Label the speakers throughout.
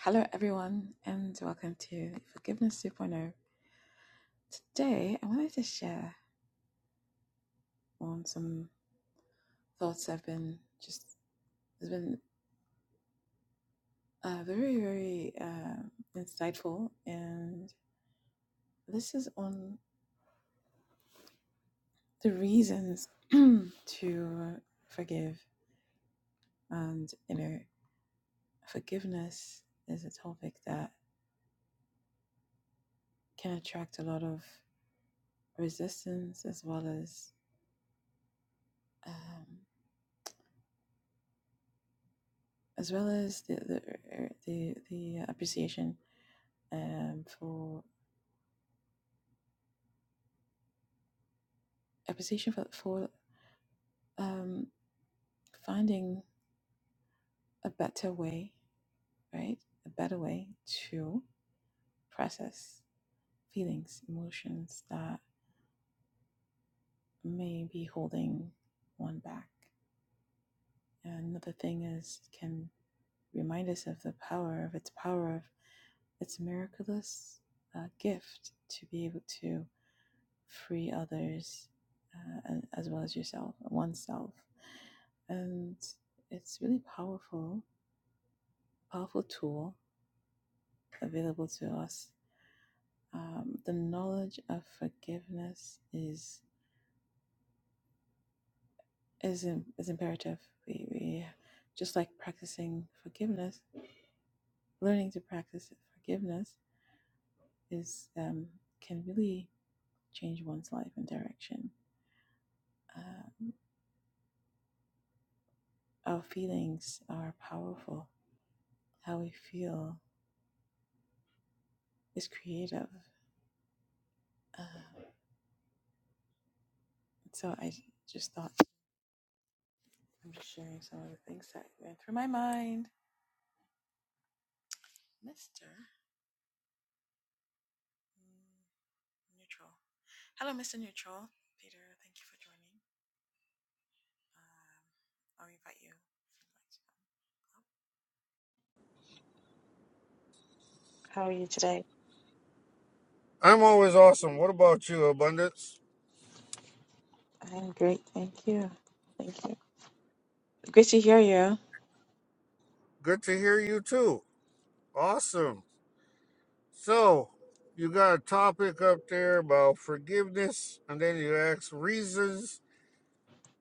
Speaker 1: Hello, everyone, and welcome to Forgiveness 2.0. Point Oh. Today, I wanted to share on some thoughts I've been just has been uh, very, very uh, insightful, and this is on the reasons to forgive, and you know, forgiveness is a topic that can attract a lot of resistance as well as um, as well as the the the, the appreciation um, for appreciation for, for um, finding a better way, right? A better way to process feelings, emotions that may be holding one back. And another thing is, it can remind us of the power of its power of its miraculous uh, gift to be able to free others uh, and- as well as yourself, oneself. And it's really powerful powerful tool available to us. Um, the knowledge of forgiveness is is is imperative. We, we just like practicing forgiveness, learning to practice forgiveness is um, can really change one's life and direction. Um, our feelings are powerful. How we feel is creative. Uh, so I just thought I'm just sharing some of the things that went through my mind, Mister. Neutral. Hello, Mr. Neutral. Peter, thank you for joining. Um, I'll invite you if you'd like to come up. How are you today?
Speaker 2: I'm always awesome. What about you, Abundance?
Speaker 1: I'm great, thank you. Thank you. Great to hear you.
Speaker 2: Good to hear you too. Awesome. So, you got a topic up there about forgiveness, and then you ask reasons,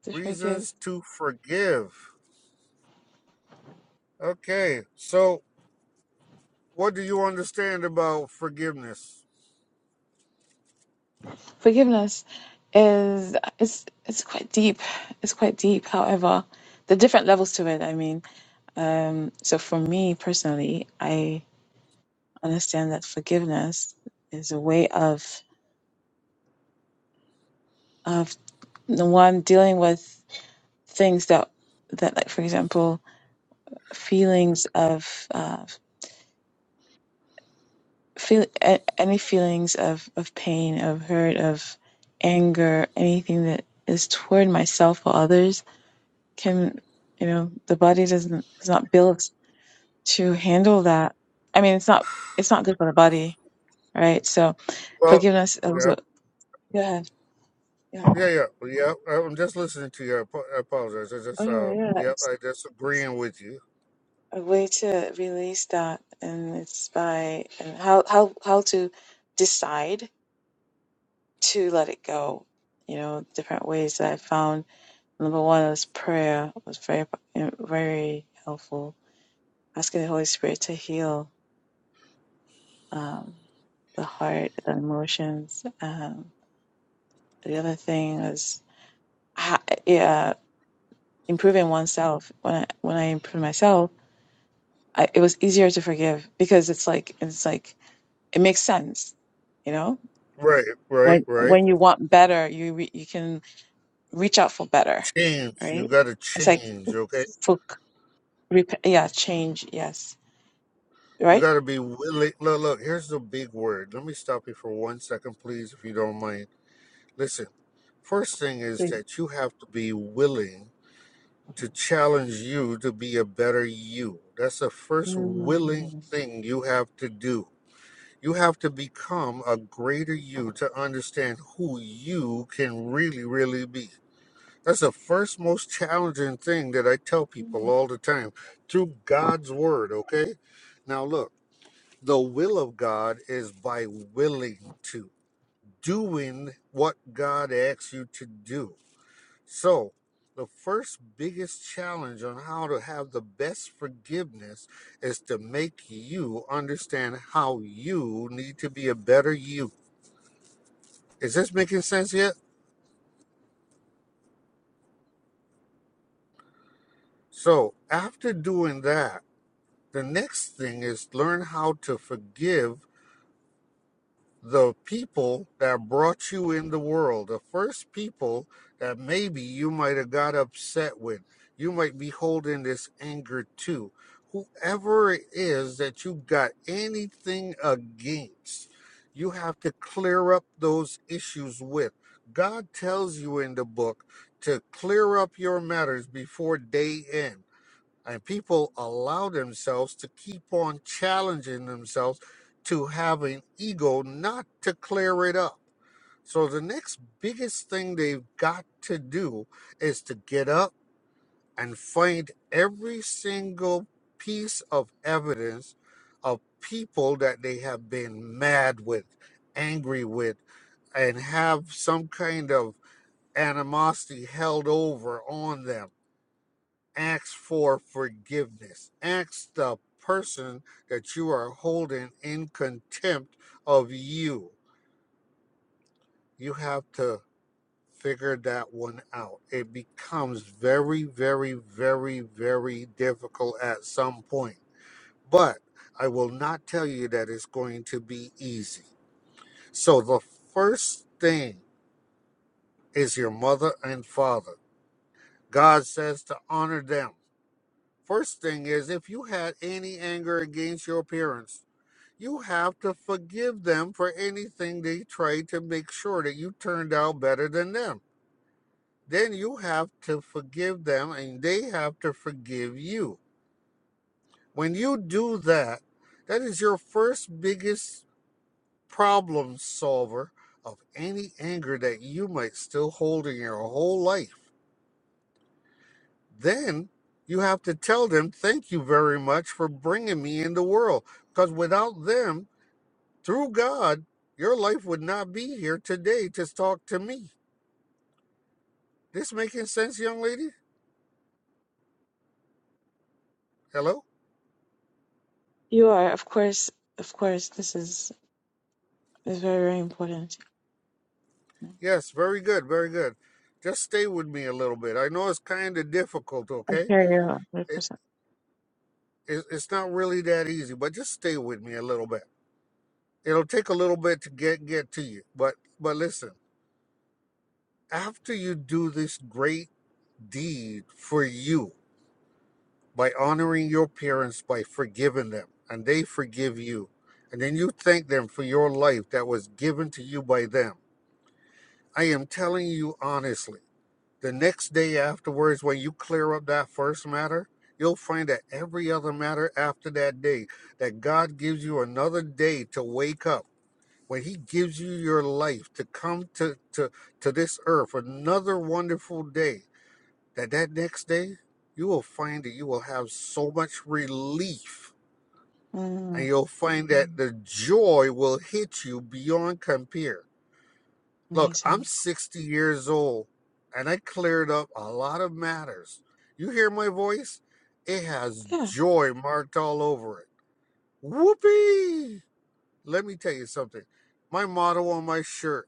Speaker 1: To forgive.
Speaker 2: reasons to forgive. Okay. So, what do you understand about forgiveness?
Speaker 1: Forgiveness is it's it's quite deep. It's quite deep. However, the different levels to it, I mean. Um so for me personally, I understand that forgiveness is a way of of the one dealing with things that that like for example feelings of uh, feel a- any feelings of of pain, of hurt, of anger, anything that is toward myself or others can, you know, the body doesn't is not built to handle that. I mean, it's not it's not good for the body, right? So
Speaker 2: Well,
Speaker 1: forgiveness
Speaker 2: yeah,
Speaker 1: also. Go ahead. Yeah.
Speaker 2: yeah, yeah, yeah. I'm just listening to you. I apo- I apologize. I
Speaker 1: Oh
Speaker 2: just, uh,
Speaker 1: yeah,
Speaker 2: yeah,
Speaker 1: it's
Speaker 2: I just agreeing with you.
Speaker 1: a way to release that, and it's by and how how how to decide to let it go. You know, different ways that I found. Number one was prayer It was very very helpful. Asking the Holy Spirit to heal um, the heart, the emotions. Um, the other thing was yeah, improving oneself. When I when I improved myself, I, it was easier to forgive because it's like it's like it makes sense. You know,
Speaker 2: Right, right,
Speaker 1: when
Speaker 2: right.
Speaker 1: when you want better, you re- you can reach out for better,
Speaker 2: Change. You
Speaker 1: right?
Speaker 2: got to
Speaker 1: It's like
Speaker 2: change. Okay.
Speaker 1: for Rep- yeah, change. Yes,
Speaker 2: You
Speaker 1: right.
Speaker 2: got to be willing. Look, look, here's the big word. Let me stop you for one second, please, if you don't mind. Listen, first thing is
Speaker 1: Mm.
Speaker 2: that you have to be willing to challenge you to be a better you. That's the first willing
Speaker 1: Mm.
Speaker 2: thing you have to do. You have to become a greater you to understand who you can really, really be. That's the first most challenging thing that I tell people all the time through God's word, okay? Now, look. The will of God is by willing to, doing what God asks you to do. So, the first biggest challenge on how to have the best forgiveness is to make you understand how you need to be a better you. Is this making sense yet? So, after doing that, the next thing is learn how to forgive the people that brought you in the world, the first people that maybe you might have got upset with, you might be holding this anger to, whoever it is that you got anything against, you have to clear up those issues with. God tells you in the book to clear up your matters before day end and people allow themselves to keep on challenging themselves to have an ego not to clear it up so the next biggest thing they've got to do is to get up and find every single piece of evidence of people that they have been mad with angry with and have some kind of animosity held over on them ask for forgiveness. Ask the person that you are holding in contempt of you. You have to figure that one out. It becomes very, very, very, very difficult at some point. But I will not tell you that it's going to be easy. So the first thing is your mother and father. God says to honor them. First thing is if you had any anger against your parents, you have to forgive them for anything they tried to make sure that you turned out better than them. Then you have to forgive them and they have to forgive you. When you do that, that is your first biggest problem solver of any anger that you might still hold in your whole life. Then you have to tell them, thank you very much for bringing me in the world. Because without them, Through God, your life would not be here today to talk to me. This making sense, young lady? Hello?
Speaker 1: You are, of course, of course. This is is very very important.
Speaker 2: Yes, very good, very good. Just stay with me a little bit. I know it's kind of difficult,
Speaker 1: I
Speaker 2: okay?
Speaker 1: hear you, one hundred
Speaker 2: It,
Speaker 1: percent.
Speaker 2: it, it's not really that easy, but just stay with me a little bit. It'll take a little bit to get get to you, but but listen. After you do this great deed for you, by honoring your parents by forgiving them and they forgive you and then you thank them for your life that was given to you by them i am telling you honestly the next day afterwards when you clear up that first matter you'll find that every other matter after that day that god gives you another day to wake up when he gives you your life to come to to to this earth another wonderful day that that next day you will find that you will have so much relief and
Speaker 1: Mm.
Speaker 2: you'll find that
Speaker 1: Mm.
Speaker 2: the joy will hit you beyond compare look i'm
Speaker 1: Amazing.
Speaker 2: 60 years old and i cleared up a lot of matters you hear my voice it has
Speaker 1: Yeah.
Speaker 2: joy marked all over it whoopee let me tell you something my motto on my shirt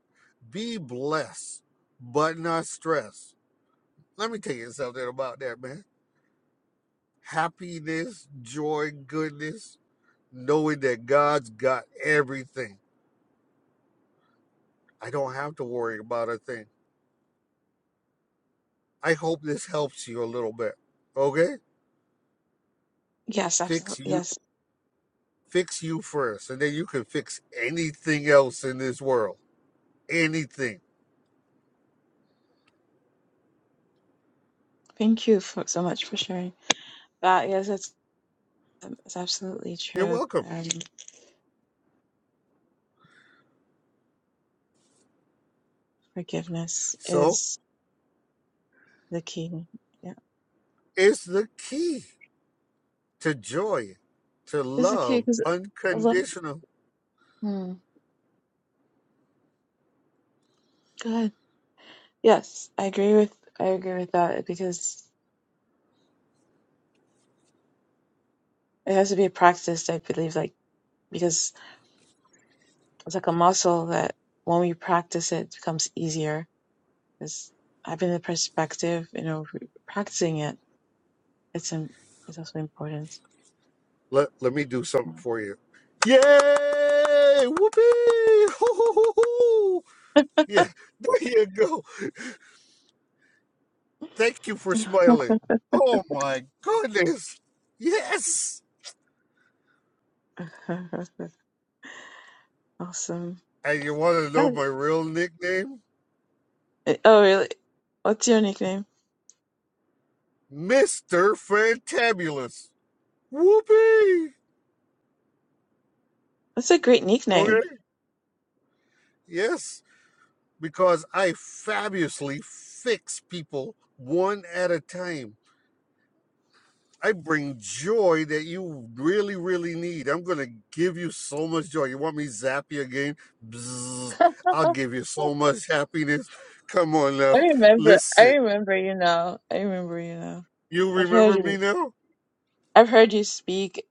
Speaker 2: be blessed but not stressed let me tell you something about that man happiness, joy, goodness, knowing that God's got everything. I don't have to worry about a thing. I hope this helps you a little bit. Okay?
Speaker 1: Yes. Absolutely.
Speaker 2: Fix you
Speaker 1: Yes.
Speaker 2: fix you first and then you can fix anything else in this world. Anything.
Speaker 1: Thank you for, so much for sharing that. Yes, it's um, it's absolutely
Speaker 2: You're
Speaker 1: true.
Speaker 2: welcome.
Speaker 1: Um, forgiveness
Speaker 2: So,
Speaker 1: is the key. Yeah,
Speaker 2: it's the key to joy, to
Speaker 1: is the key
Speaker 2: love,
Speaker 1: because a lot.
Speaker 2: unconditional.
Speaker 1: Mm. Go ahead. Yes, I agree with I agree with that because It has to be a practice, I believe, like because it's like a muscle that when we practice it, it becomes easier. Because having the perspective, you know, practicing it, it's im it's also important.
Speaker 2: Let, let me do something
Speaker 1: Yeah.
Speaker 2: for you. Yay! Whoopee! Hoo, hoo, hoo, hoo. Yeah, there you go. Thank you for smiling. Oh my goodness. Yes.
Speaker 1: awesome.
Speaker 2: And you want to know
Speaker 1: Oh,
Speaker 2: my real nickname?
Speaker 1: oh, really? What's your nickname?
Speaker 2: Mr. Fantabulous. Whoopee.
Speaker 1: That's a great
Speaker 2: Okay.
Speaker 1: nickname.
Speaker 2: Yes, because I fabulously fix people one at a time. I bring joy that you really, really need. I'm gonna give you so much joy. You want me to zap you again? Bzzz.
Speaker 1: I
Speaker 2: I'll give you so much happiness. Come on now.
Speaker 1: remember. I
Speaker 2: Listen,
Speaker 1: remember you now. I remember you now.
Speaker 2: you
Speaker 1: I've heard
Speaker 2: remember
Speaker 1: you.
Speaker 2: me now?
Speaker 1: I've heard you speak,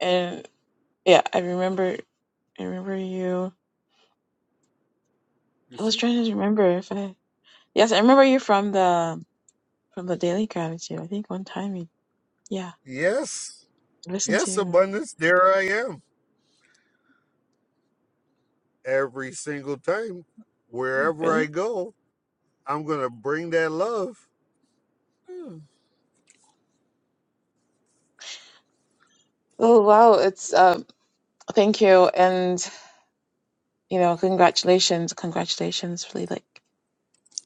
Speaker 1: and yeah, I remember. I remember you.
Speaker 2: You
Speaker 1: I was
Speaker 2: see?
Speaker 1: trying to remember if I Yes, I remember you from the from the Daily Gratitude. I think one time you yeah,
Speaker 2: Yes.
Speaker 1: I listened to
Speaker 2: Yes,
Speaker 1: you.
Speaker 2: abundance. There I am. Every single time, wherever I
Speaker 1: Really?
Speaker 2: go, I'm gonna bring that love. Hmm.
Speaker 1: Oh wow, it's um thank you and you know, congratulations, congratulations really like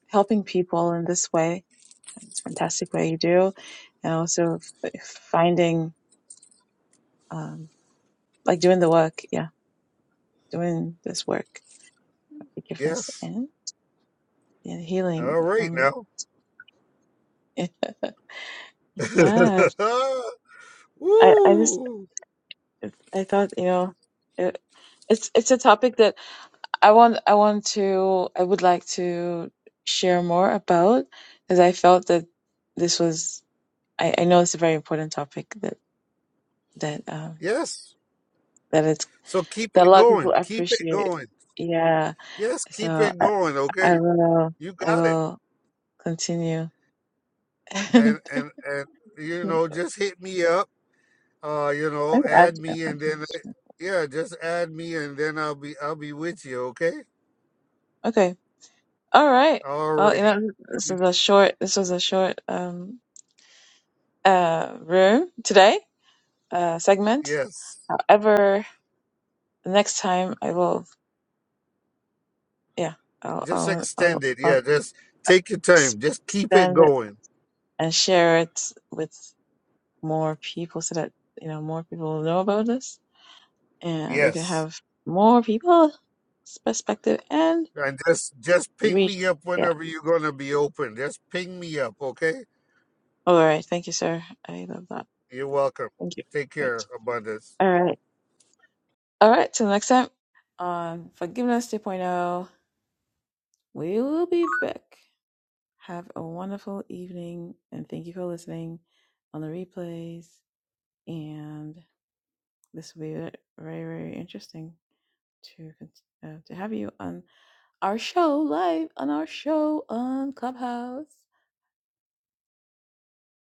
Speaker 1: helping people in this way. It's a fantastic way you do and also f- finding um like doing the work, yeah, doing this work of forgiveness
Speaker 2: Yes.
Speaker 1: and, and healing
Speaker 2: All right
Speaker 1: from
Speaker 2: now.
Speaker 1: Yes. I, I just
Speaker 2: Woo!
Speaker 1: It's, I thought, you know, it, it's it's a topic that I want I want to I would like to share more about because I felt that this was I, I know it's a very important topic that that um
Speaker 2: Yes.
Speaker 1: that it's
Speaker 2: So keep
Speaker 1: that a
Speaker 2: it
Speaker 1: lot of people
Speaker 2: going. Keep it
Speaker 1: appreciate.
Speaker 2: going.
Speaker 1: Yeah.
Speaker 2: Yes, keep
Speaker 1: So
Speaker 2: it
Speaker 1: I,
Speaker 2: going, okay?
Speaker 1: I will
Speaker 2: You
Speaker 1: I
Speaker 2: got it.
Speaker 1: will continue and
Speaker 2: And and and you know, just hit me up. Uh, you know,
Speaker 1: and add
Speaker 2: add me
Speaker 1: add
Speaker 2: and
Speaker 1: to
Speaker 2: then
Speaker 1: that.
Speaker 2: yeah, just add me and then I'll be I'll be with you, okay?
Speaker 1: Okay. All right. Well, you
Speaker 2: Already.
Speaker 1: know, this
Speaker 2: You
Speaker 1: is a short this was a short um uh room today. uh, segment.
Speaker 2: yes.
Speaker 1: However, the next time I will, yeah, I'll,
Speaker 2: Just
Speaker 1: I'll,
Speaker 2: extend
Speaker 1: I'll,
Speaker 2: it.
Speaker 1: I'll
Speaker 2: Yeah, just take your time. Just keep it
Speaker 1: expand it
Speaker 2: going.
Speaker 1: and share it with more people so that, you know, more people know about this and we can
Speaker 2: Yes.
Speaker 1: have more people's perspective and
Speaker 2: And just just ping
Speaker 1: reach.
Speaker 2: me up
Speaker 1: Yeah.
Speaker 2: whenever you're gonna be open. Just ping me up, okay?
Speaker 1: All right. Thank you, sir. I love that.
Speaker 2: You're welcome.
Speaker 1: Thank you.
Speaker 2: Take
Speaker 1: Great.
Speaker 2: care, abundance.
Speaker 1: All right. All right. Till next time on Forgiveness 2.0, we will be back. Have a wonderful evening and thank you for listening on the replays. And this will be very, very interesting to uh, to have you on our show live on our show on Clubhouse.